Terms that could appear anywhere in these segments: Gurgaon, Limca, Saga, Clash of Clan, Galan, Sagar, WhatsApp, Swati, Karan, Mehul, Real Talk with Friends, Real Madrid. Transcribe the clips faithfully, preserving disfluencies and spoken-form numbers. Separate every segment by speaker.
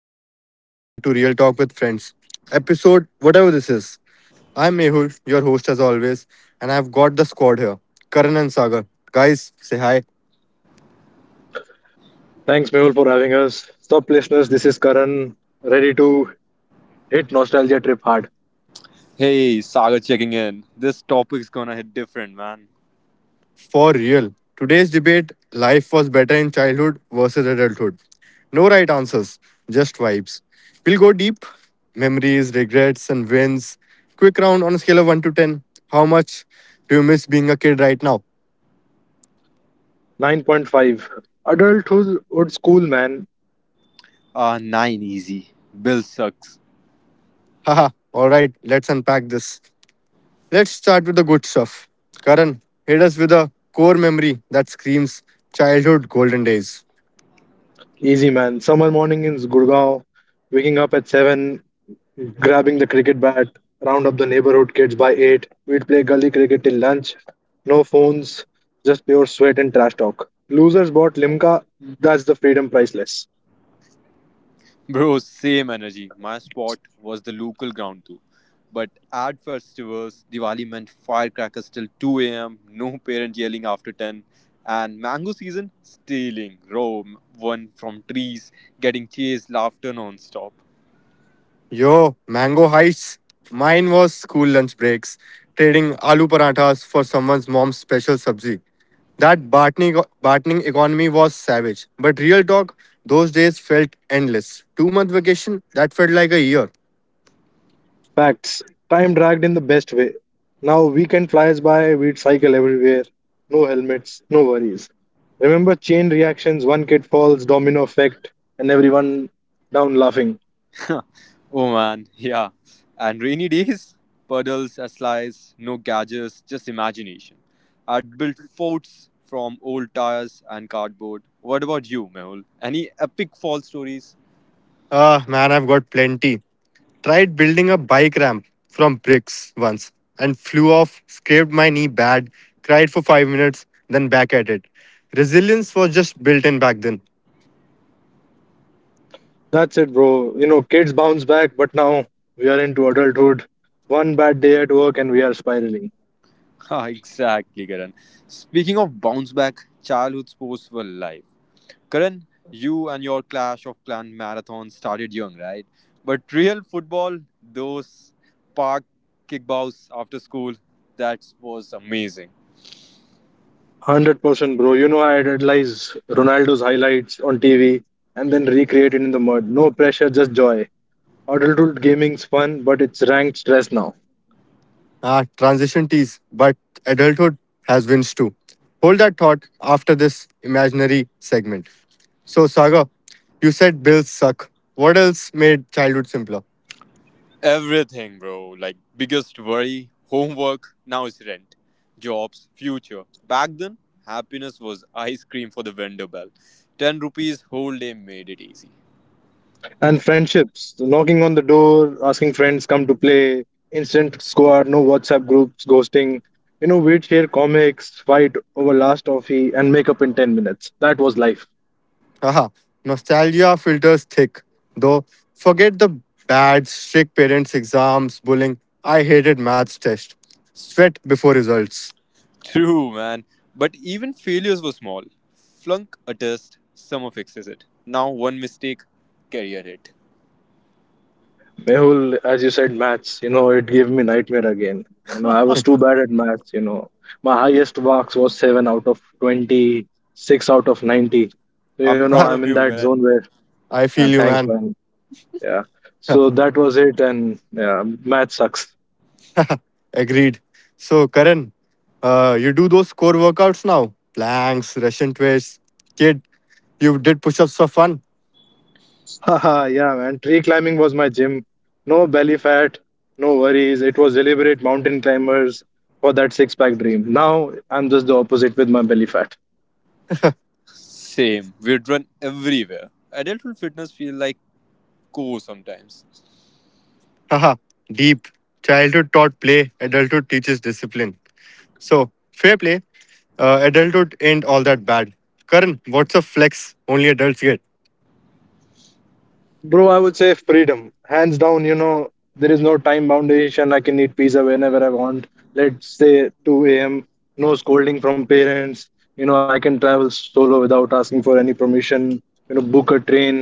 Speaker 1: everyone? Welcome to Real Talk with Friends, episode whatever this is. I'm Mehul, your host as always, and I've got the squad here Karan and Sagar. Guys, say hi.
Speaker 2: Thanks, Mehul, for having us. Stop, listeners. This is Karan, ready to hit nostalgia trip hard.
Speaker 3: Hey, Saga checking in. This topic's gonna hit different, man.
Speaker 1: For real. Today's debate life was better in childhood versus adulthood. No right answers, just vibes. We'll go deep memories, regrets, and wins. Quick round on a scale of one to ten. How much do you miss being a kid right now?
Speaker 2: nine point five. Adulthood would school, man.
Speaker 3: Ah, nine easy. Bill sucks.
Speaker 1: Haha, alright, let's unpack this. Let's start with the good stuff. Karan, hit us with a core memory that screams childhood golden days.
Speaker 2: Easy, man. Summer morning in Gurgaon, waking up at seven, grabbing the cricket bat, round up the neighborhood kids by eight. We'd play gully cricket till lunch. No phones, just pure sweat and trash talk. Losers bought Limca. That's the freedom priceless.
Speaker 3: Bro, same energy. My spot was the local ground too. But at festivals, Diwali meant firecrackers till two a m, no parent yelling after ten, and mango season, stealing, roam, one from trees, getting chased, laughter non stop.
Speaker 1: Yo, mango heights. Mine was school lunch breaks, trading aloo parathas for someone's mom's special sabzi. That bartering, bartering economy was savage. But real talk, those days felt endless. Two month vacation, that felt like a year.
Speaker 2: Facts. Time dragged in the best way. Now weekend flies by, we'd cycle everywhere. No helmets, no worries. Remember chain reactions, one kid falls, domino effect, and everyone down laughing.
Speaker 3: Oh man, yeah. And rainy days, puddles, a slice, no gadgets, just imagination. I'd built forts from old tires and cardboard. What about you, Mehul? Any epic fall stories?
Speaker 1: Ah, man, I've got plenty. Tried building a bike ramp from bricks once and flew off, scraped my knee bad, cried for five minutes, then back at it. Resilience was just built in back then.
Speaker 2: That's it, bro. You know, kids bounce back, but now we are into adulthood. One bad day at work and we are spiraling.
Speaker 3: Ah, exactly, Karan. Speaking of bounce back, childhood sports were life. Karan, you and your Clash of Clan marathon started young, right? But real football, those park kickbows after school, that was amazing.
Speaker 2: one hundred percent, bro. You know, I idolize Ronaldo's highlights on T V and then recreate it in the mud. No pressure, just joy. Adulthood gaming's fun, but it's ranked stress now.
Speaker 1: Ah, transition tease, but adulthood has wins too. Hold that thought after this imaginary segment. So, Saga, you said bills suck. What else made childhood simpler?
Speaker 3: Everything, bro. Like, biggest worry, homework, now it's rent, jobs, future. Back then, happiness was ice cream for the vendor bell. ten rupees whole day made it easy.
Speaker 2: And friendships, knocking on the door, asking friends come to play, instant squad, no WhatsApp groups, ghosting. You know, we'd share comics, fight over last toffee, and make up in ten minutes. That was life.
Speaker 1: Haha, nostalgia filters thick. Though, forget the bad, strict parents, exams, bullying. I hated maths test. Sweat before results.
Speaker 3: True, man. But even failures were small. Flunk a test, summer fixes it. Now, one mistake, career hit.
Speaker 2: Mehul, as you said, maths, you know, it gave me nightmare again. You know, I was too bad at maths, you know. My highest marks was seven out of twenty, six out of ninety. So, you
Speaker 3: I'm
Speaker 2: know,
Speaker 1: Haha,
Speaker 3: proud
Speaker 2: I'm
Speaker 3: of
Speaker 2: in
Speaker 3: you,
Speaker 2: that zone
Speaker 3: Galan.
Speaker 2: where,
Speaker 1: I
Speaker 2: uh,
Speaker 1: feel you,
Speaker 2: thanks,
Speaker 1: man.
Speaker 2: man. Yeah. So that was it. And yeah, math sucks.
Speaker 1: Agreed. So, Karan, uh, you do those core workouts now? Planks, Russian twists. Kid, you did push ups for fun.
Speaker 2: Haha, yeah, man. Tree climbing was my gym. No belly fat, no worries. It was deliberate mountain climbers for that six pack dream. Now I'm just the opposite with my belly fat.
Speaker 3: Same. We'd run everywhere. Adulthood fitness feel like co sometimes.
Speaker 1: Haha, deep. Childhood taught play, adulthood teaches discipline. So, fair play. Uh, adulthood ain't all that bad. Karan, what's a flex only adults get?
Speaker 2: Bro, I would say freedom. Hands down, you know, there is no time foundation. I can eat pizza whenever I want. Let's say two a m. No scolding from parents. You know, I can travel solo without asking for any permission. You know, book a train.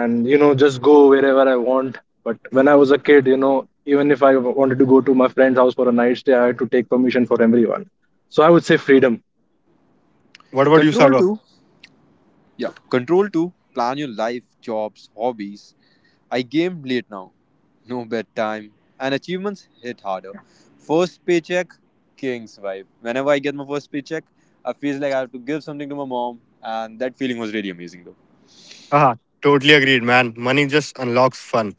Speaker 2: And you know, just go wherever I want. But when I was a kid, you know, even if I wanted to go to my friend's house for a night stay, I had to take permission for everyone. So I would say freedom.
Speaker 1: What about you,
Speaker 3: Control
Speaker 1: Sagar?
Speaker 3: too. Yeah. Control to plan your life, jobs, hobbies. I game late now. No bedtime. And achievements hit harder. First paycheck, king's vibe. Whenever I get my first paycheck, I feel like I have to give something to my mom. And that feeling was really amazing though.
Speaker 1: Haha, totally agreed, man. Money just unlocks fun.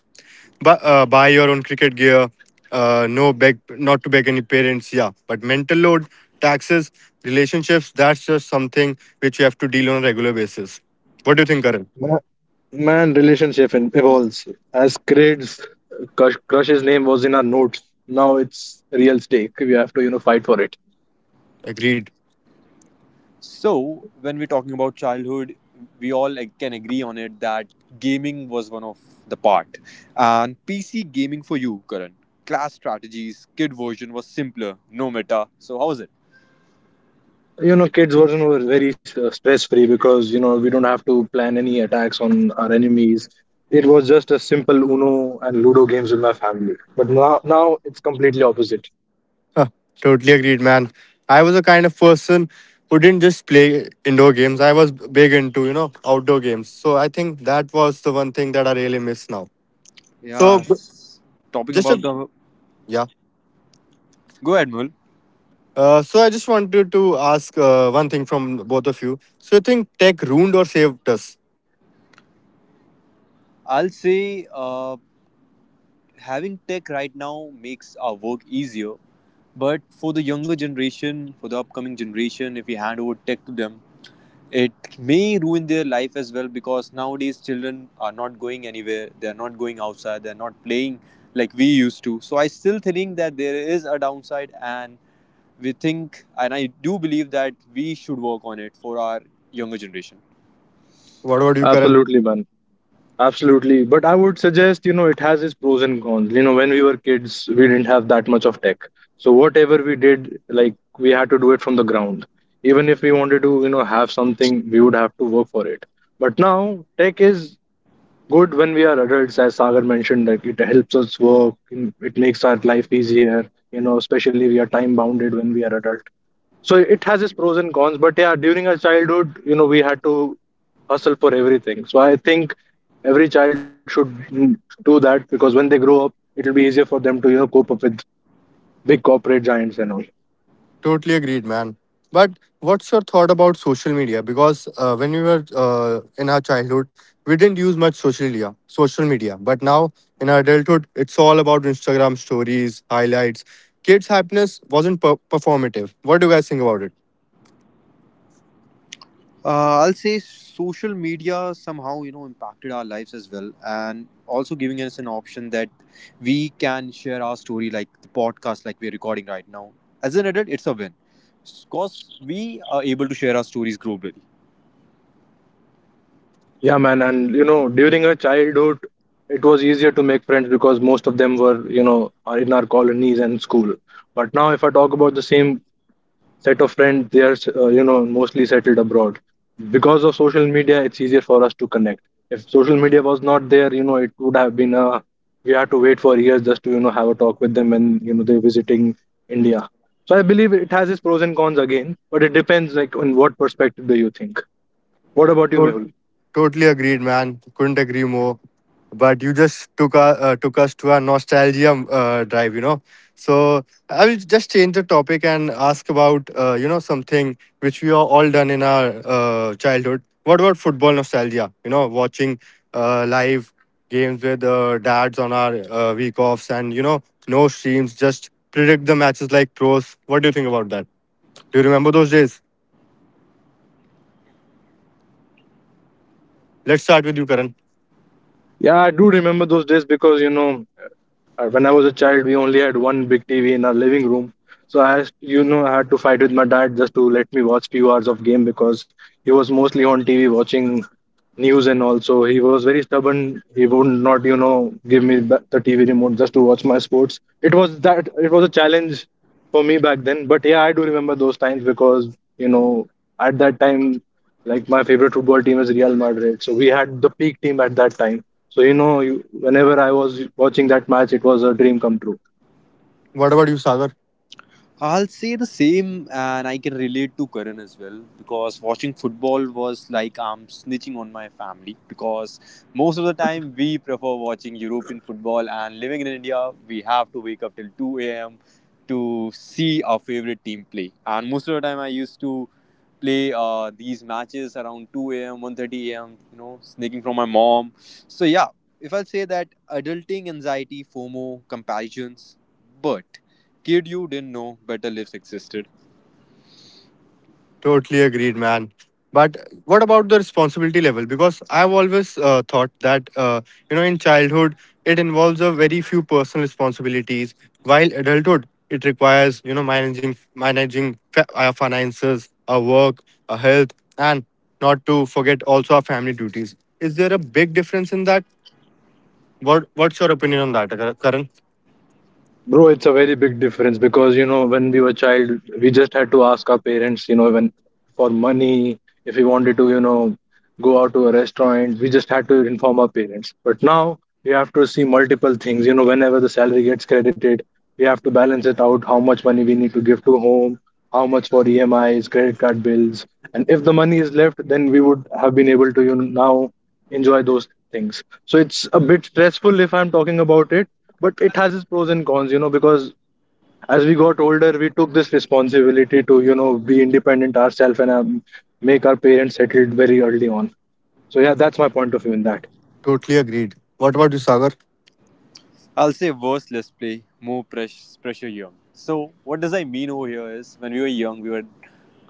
Speaker 1: But uh, buy your own cricket gear. Uh, no beg, not to beg any parents. Yeah, but mental load, taxes, relationships. That's just something which you have to deal on a regular basis. What do you think, Karan?
Speaker 2: Ma- Man relationship in- evolves. As kids, crush, crush's name was in our notes. Now it's real stake, we have to, you know, fight for it.
Speaker 1: Agreed.
Speaker 3: So, when we're talking about childhood, we all like, can agree on it that gaming was one of the part. And P C gaming for you, Karan. Class strategies, kid version was simpler, no meta. So, how was it?
Speaker 2: You know, kids version were very uh, stress free because, you know, we don't have to plan any attacks on our enemies. It was just a simple uno and ludo games with my family. But now now it's completely opposite.
Speaker 1: Uh, Totally agreed, man. I was a kind of person who didn't just play indoor games. I was big into, you know, outdoor games. So I think that was the one thing that I really miss now. So
Speaker 3: Yeah,
Speaker 1: b-
Speaker 3: s- talking
Speaker 1: just
Speaker 3: about
Speaker 1: a
Speaker 3: the
Speaker 1: yeah.
Speaker 3: Go ahead, Mul.
Speaker 1: Uh, so I just wanted to ask uh, one thing from both of you. So you think tech ruined or saved us?
Speaker 3: I'll say uh, having tech right now makes our work easier, but for the younger generation, for the upcoming generation, if we hand over tech to them, it may ruin their life as well because nowadays children are not going anywhere, they are not going outside, they are not playing like we used to. So I still think that there is a downside, and we think, and I do believe that we should work on it for our younger generation.
Speaker 1: What about you, Karan?
Speaker 2: Absolutely, man. Absolutely. But I would suggest, you know, it has its pros and cons. You know, when we were kids, we didn't have that much of tech. So whatever we did, like we had to do it from the ground. Even if we wanted to, you know, have something, we would have to work for it. But now tech is good when we are adults, as Sagar mentioned, that it helps us work, in- it makes our life easier, you know, especially we are time bounded when we are adult. So it has its pros and cons. But yeah, during our childhood, you know, we had to hustle for everything. So I think every child should mm, do that, because when they grow up, it'll be easier for them to, you know, cope up with big corporate giants and all.
Speaker 1: Totally agreed, man. But what's your thought about social media? Because uh, when we were uh, in our childhood, we didn't use much social media. Social media, but now in our adulthood, it's all about Instagram stories, highlights. Kids' happiness wasn't per- performative. What do you guys think about
Speaker 3: Uh, I'll say social media somehow you know impacted our lives as well, and also giving us an option that we can share our story, like the podcast, like we're recording right now. As an adult, it's a win because we are able to share our stories globally.
Speaker 2: Yeah, man, and you know, during our childhood, it was easier to make friends because most of them were, you know, are in our colonies and school. But now, if I talk about the same set of friends, they are uh, you know, mostly settled abroad. Because of social media, it's easier for us to connect. If social media was not there, you know, it would have been a, we had to wait for years just to, you know, have a talk with them when, you know, they're visiting India. So I believe it has its pros and cons again, but it depends like on what perspective do you think. What about you,
Speaker 1: it?
Speaker 2: Mehul?
Speaker 1: Totally agreed, man. Couldn't agree more. But you just took our, uh, took us to a nostalgia uh, drive, you know. So I will just change the topic and ask about uh, you know something which we are all done in our uh, childhood. What about football nostalgia? You know, watching uh, live games with uh, dads on our uh, week offs, and you know, no streams, just predict the matches like pros. What do you think about that? Do you remember those days? Let's start with you, Karan.
Speaker 2: Yeah, I do remember those days because, you know, Uh, when I was a child, we only had one big T V in our living room. So I, has- you know, I had to fight with my dad just to let me watch few hours of game, because he was mostly on T V watching news, and also he was very stubborn. He would not, you know, give me ba- the T V remote just to watch my sports. It was that, it was a challenge for me back then. But yeah, I do remember those times because, you know, at that time, like my favorite football team is Real Madrid. So we had the peak team at that time. So you know, you, whenever I was watching that match, it was a dream come true.
Speaker 1: What about you, Sagar?
Speaker 3: I'll say the same, and I can relate to Karan as well because watching football was like I'm snitching on my family because most of the time we prefer watching European football, and living in India, we have to wake up till two a m to see our favorite team play. And most of the time, I used to play uh, these matches around two a m, one thirty a m, you know, sneaking from my mom. So, yeah, if I'll say that adulting anxiety, FOMO, comparisons, but Kid, you didn't know better lives existed.
Speaker 1: Totally agreed, man. But what about the responsibility level? Because I've always uh, thought that uh, you know, in childhood, it involves a very few personal responsibilities, while adulthood, it requires you know managing managing fa- our finances, our work, our health, and not to forget also our family duties. Is there a big difference in that? What What's your opinion on that, Kar- Karan?
Speaker 2: Bro, it's a very big difference because, you know, when we were child, we just had to ask our parents, you know, when for money, if we wanted to, you know, go out to a restaurant, we just had to inform our parents. But now we have to see multiple things, you know, whenever the salary gets credited, we have to balance it out, how much money we need to give to home, how much for E M Is, credit card bills, and if the money is left, then we would have been able to, you know, now enjoy those things. So it's a bit stressful if I'm talking about it, but it has its pros and cons, you know, because as we got older, we took this responsibility to, you know, be independent ourselves and um, make our parents settled very early on. So yeah, that's my point of view in that.
Speaker 1: Totally agreed. What about you, Sagar?
Speaker 3: I'll say worse, less play, more press, pressure young. So, what does I mean over here is when we were young, we were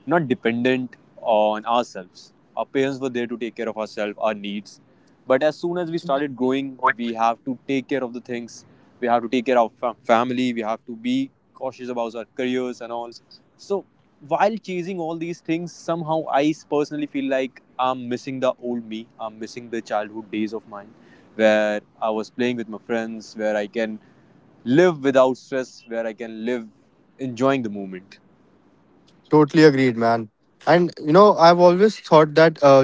Speaker 3: not dependent on ourselves. Our parents were there to take care of ourselves, our needs. But as soon as we started growing, we have to take care of the things. We have to take care of our fam- family. We have to be cautious about our careers and all. So while chasing all these things, somehow I personally feel like I'm missing the old me. I'm missing the childhood days of mine where I was playing with my friends, where I can live without stress, where I can live enjoying the moment.
Speaker 1: Totally agreed, man. And you know, I've always thought that uh,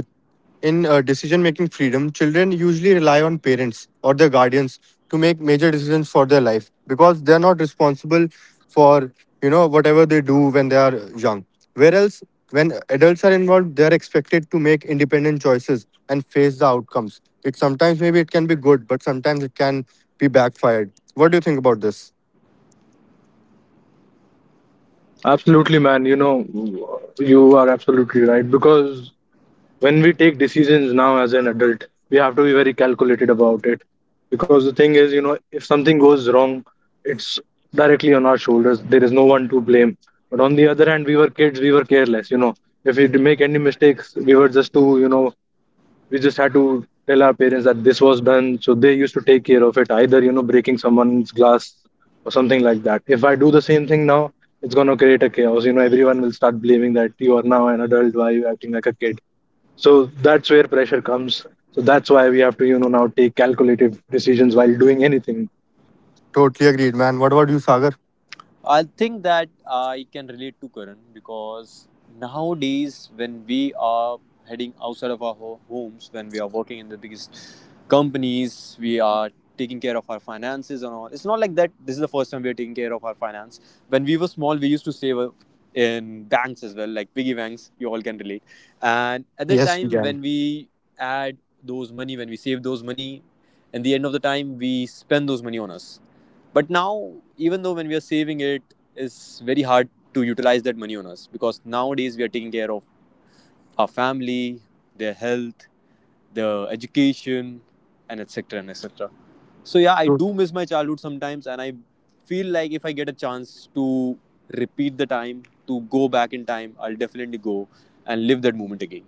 Speaker 1: in uh, decision making freedom, children usually rely on parents or their guardians to make major decisions for their life because they're not responsible for you know whatever they do when they are young. Whereas when adults are involved, they're expected to make independent choices and face the outcomes. It sometimes maybe it can be good, but sometimes it can be backfired. What do you think about this?
Speaker 2: Absolutely, man. You know, you are absolutely right, because when we take decisions now as an adult, we have to be very calculated about it, because the thing is, you know, if something goes wrong, it's directly on our shoulders. There is no one to blame. But on the other hand, we were kids, we were careless. You know, if we did make any mistakes, we were just to you know we just had to tell our parents that this was done, so they used to take care of it, either, you know, breaking someone's glass or something like that. If I do the same thing now, it's going to create a chaos. You know, everyone will start blaming that you are now an adult, why are you acting like a kid. So that's where pressure comes. So that's why we have to, you know, now take calculative decisions while doing anything.
Speaker 1: Totally agreed, man. What about you, Sagar?
Speaker 3: I think that I can relate to Karan because nowadays, when we are heading outside of our ho- homes, when we are working in the biggest companies, we are taking care of our finances and all. It's not like that. This is the first time we are taking care of our finance. When we were small, we used to save uh, in banks as well, like piggy banks. You all can relate. And at that
Speaker 1: Yes, we
Speaker 3: time, when
Speaker 1: can.
Speaker 3: we add those money, when we save those money, in the end of the time, we spend those money on us but now, even though when we are saving it, it's very hard to utilize that money on us because nowadays we are taking care of our family, their health, their education, and et cetera and et cetera. So yeah, I do miss my childhood sometimes, and I feel like if I get a chance to repeat the time, to go back in time, I'll definitely go and live that moment again.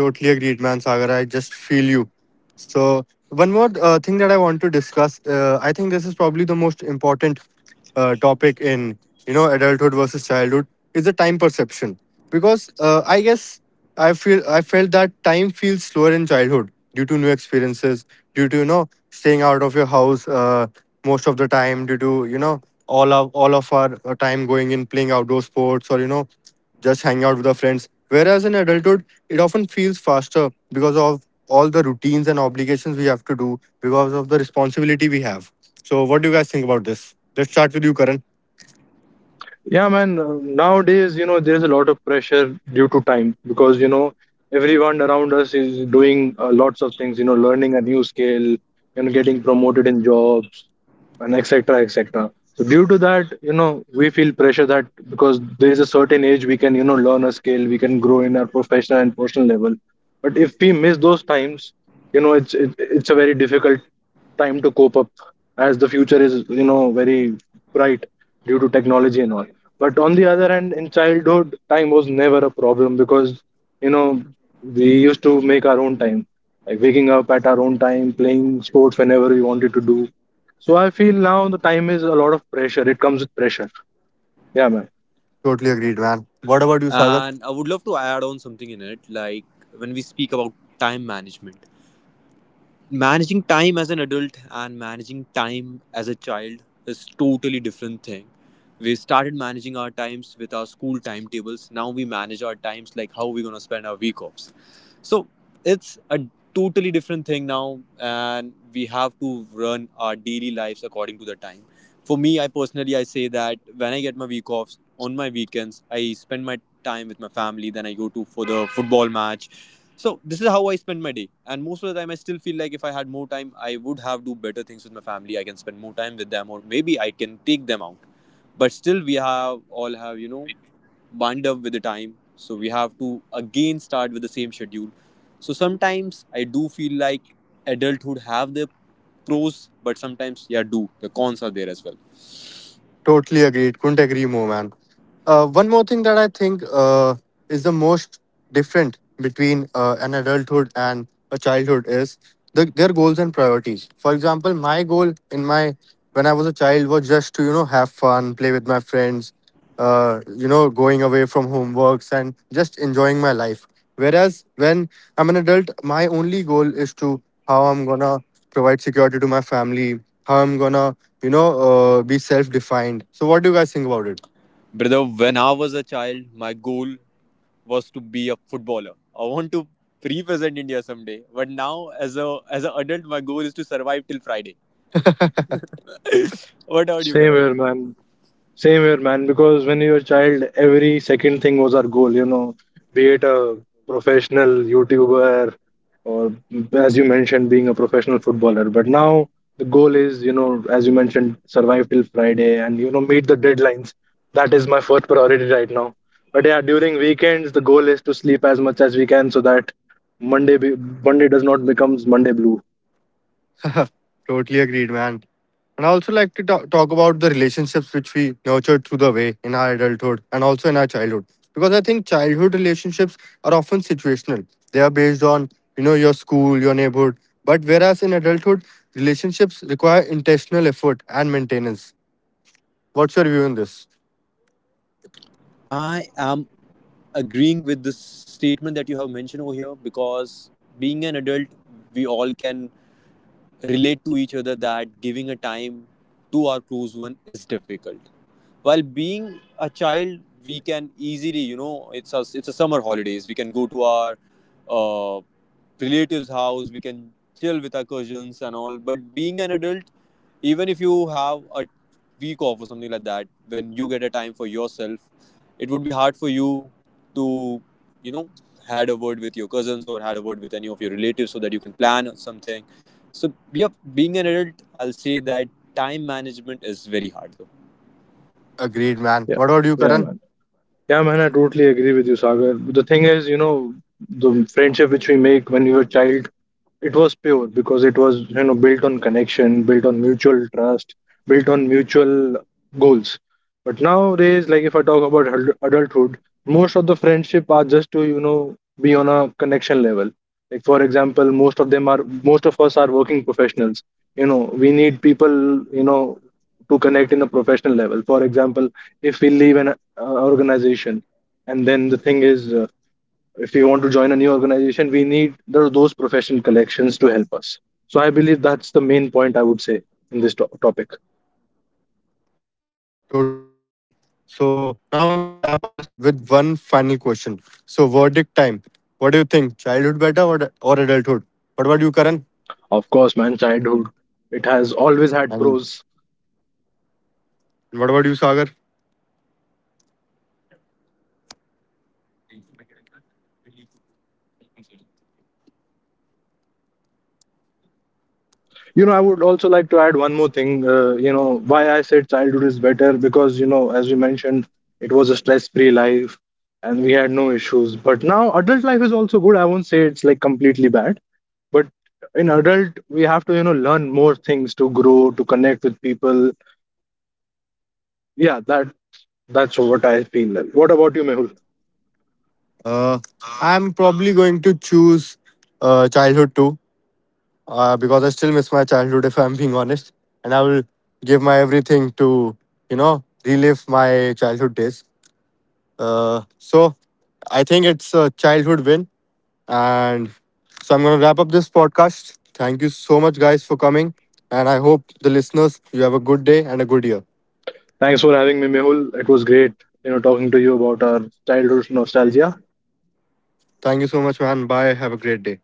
Speaker 1: Totally agreed, man, Sagar. I just feel you. So, one more uh, thing that I want to discuss. Uh, I think this is probably the most important uh, topic in you know adulthood versus childhood is the time perception because uh, I guess I feel I felt that time feels slower in childhood due to new experiences, due to you know staying out of your house uh, most of the time, due to you know all of all of our uh, time going in playing outdoor sports or you know just hanging out with our friends. Whereas in adulthood it often feels faster because of all the routines and obligations we have to do because of the responsibility we have. So, what do you guys think about this? Let's start with you, Karan.
Speaker 2: Yeah, man. uh, Nowadays, you know, there's a lot of pressure due to time because, you know, everyone around us is doing uh, lots of things, you know, learning a new skill, you know, getting promoted in jobs and et cetera et cetera. So, due to that, you know, we feel pressure that, because there is a certain age we can, you know, learn a skill, we can grow in our professional and personal level. But if we miss those times, you know, it's it, it's a very difficult time to cope up, as the future is, you know, very bright due to technology and all. But on the other hand, in childhood time was never a problem because, you know, we used to make our own time, like waking up at our own time, playing sports whenever we wanted to do. So I feel now the time is a lot of pressure, it comes with pressure. Yeah, man.
Speaker 1: Totally agreed, man. What about you, Sagar? Totally agreed. Couldn't agree more, man. Uh, one more thing that I think uh, is the most different between uh, an adulthood and a childhood is the, their goals and priorities. For example, my goal in my when I was a child was just to you know have fun, play with my friends, uh, you know, going away from homeworks and just enjoying my life. Whereas when I'm an adult, my only goal is to how I'm gonna provide security to my family, how I'm gonna, you know, uh, be self defined. So, what do you guys think about it?
Speaker 2: Same here, man. Same here, man, because when you were a child, every second thing was our goal, you know, be it a professional YouTuber or, as you mentioned, being a professional footballer. But now the goal is, you know, as you mentioned, survive till Friday and, you know, meet the deadlines. That is my first priority right now. But yeah, during weekends, the goal is to sleep as much as we can so that Monday, be- Monday does not becomes Monday blue.
Speaker 1: Totally agreed, man. And I also like to ta- talk about the relationships which we nurtured through the way in our adulthood and also in our childhood. Because I think childhood relationships are often situational. They are based on, you know, your school, your neighborhood. But whereas in adulthood, relationships require intentional effort and maintenance. What's your view on this? Agreed, man.
Speaker 2: Yeah.
Speaker 1: What about you,
Speaker 2: Yeah,
Speaker 1: Karan?
Speaker 2: man. Yeah, man, I totally agree with you, Sagar. The thing is, you know, the friendship which we make when we were child, it was pure because it was, you know, built on connection, built on mutual trust, built on mutual goals. But nowadays, like if I talk about adult- adulthood, most of the friendship are just to, you know, be on a connection level. Like for example, most of them are most of us are working professionals. You know, we need people, you know, to connect in a professional level. For example, if we leave an uh, organization, and then the thing is, uh, if we want to join a new organization, we need the, those professional collections to help us. So I believe that's the main point I would say in this to- topic.
Speaker 1: Totally agreed, man. So now I'm gonna wrap up this podcast with one final question. So verdict time. What do you think? Childhood better or, or adulthood? What about you, Karan?
Speaker 2: Of course, man, childhood. It has always had
Speaker 1: And
Speaker 2: pros.
Speaker 1: what about you, Sagar?
Speaker 2: You know, I would also like to add one more thing, uh, you know, why I said childhood is better, because, you know, as we mentioned, it was a stress free life and we had no issues. But now adult life is also good, I won't say it's like completely bad. But in adult we have to, you know, learn more things to grow, to connect with people. Yeah, that, that's what I feel. What about you, Mehul?
Speaker 1: Uh, I'm probably going to choose uh, childhood too, uh, because I still miss my childhood if I'm being honest, and I will give my everything to you know relive my childhood days. Uh, so I think it's a childhood win. And so I'm going to wrap up this podcast. Thank you so much, guys, for coming. And I hope the listeners, you have a good day and a good year.
Speaker 2: Thanks for having me, Mehul. It was great, you know, talking to you about our childhood nostalgia.
Speaker 1: Thank you so much, man. Bye. Have a great day.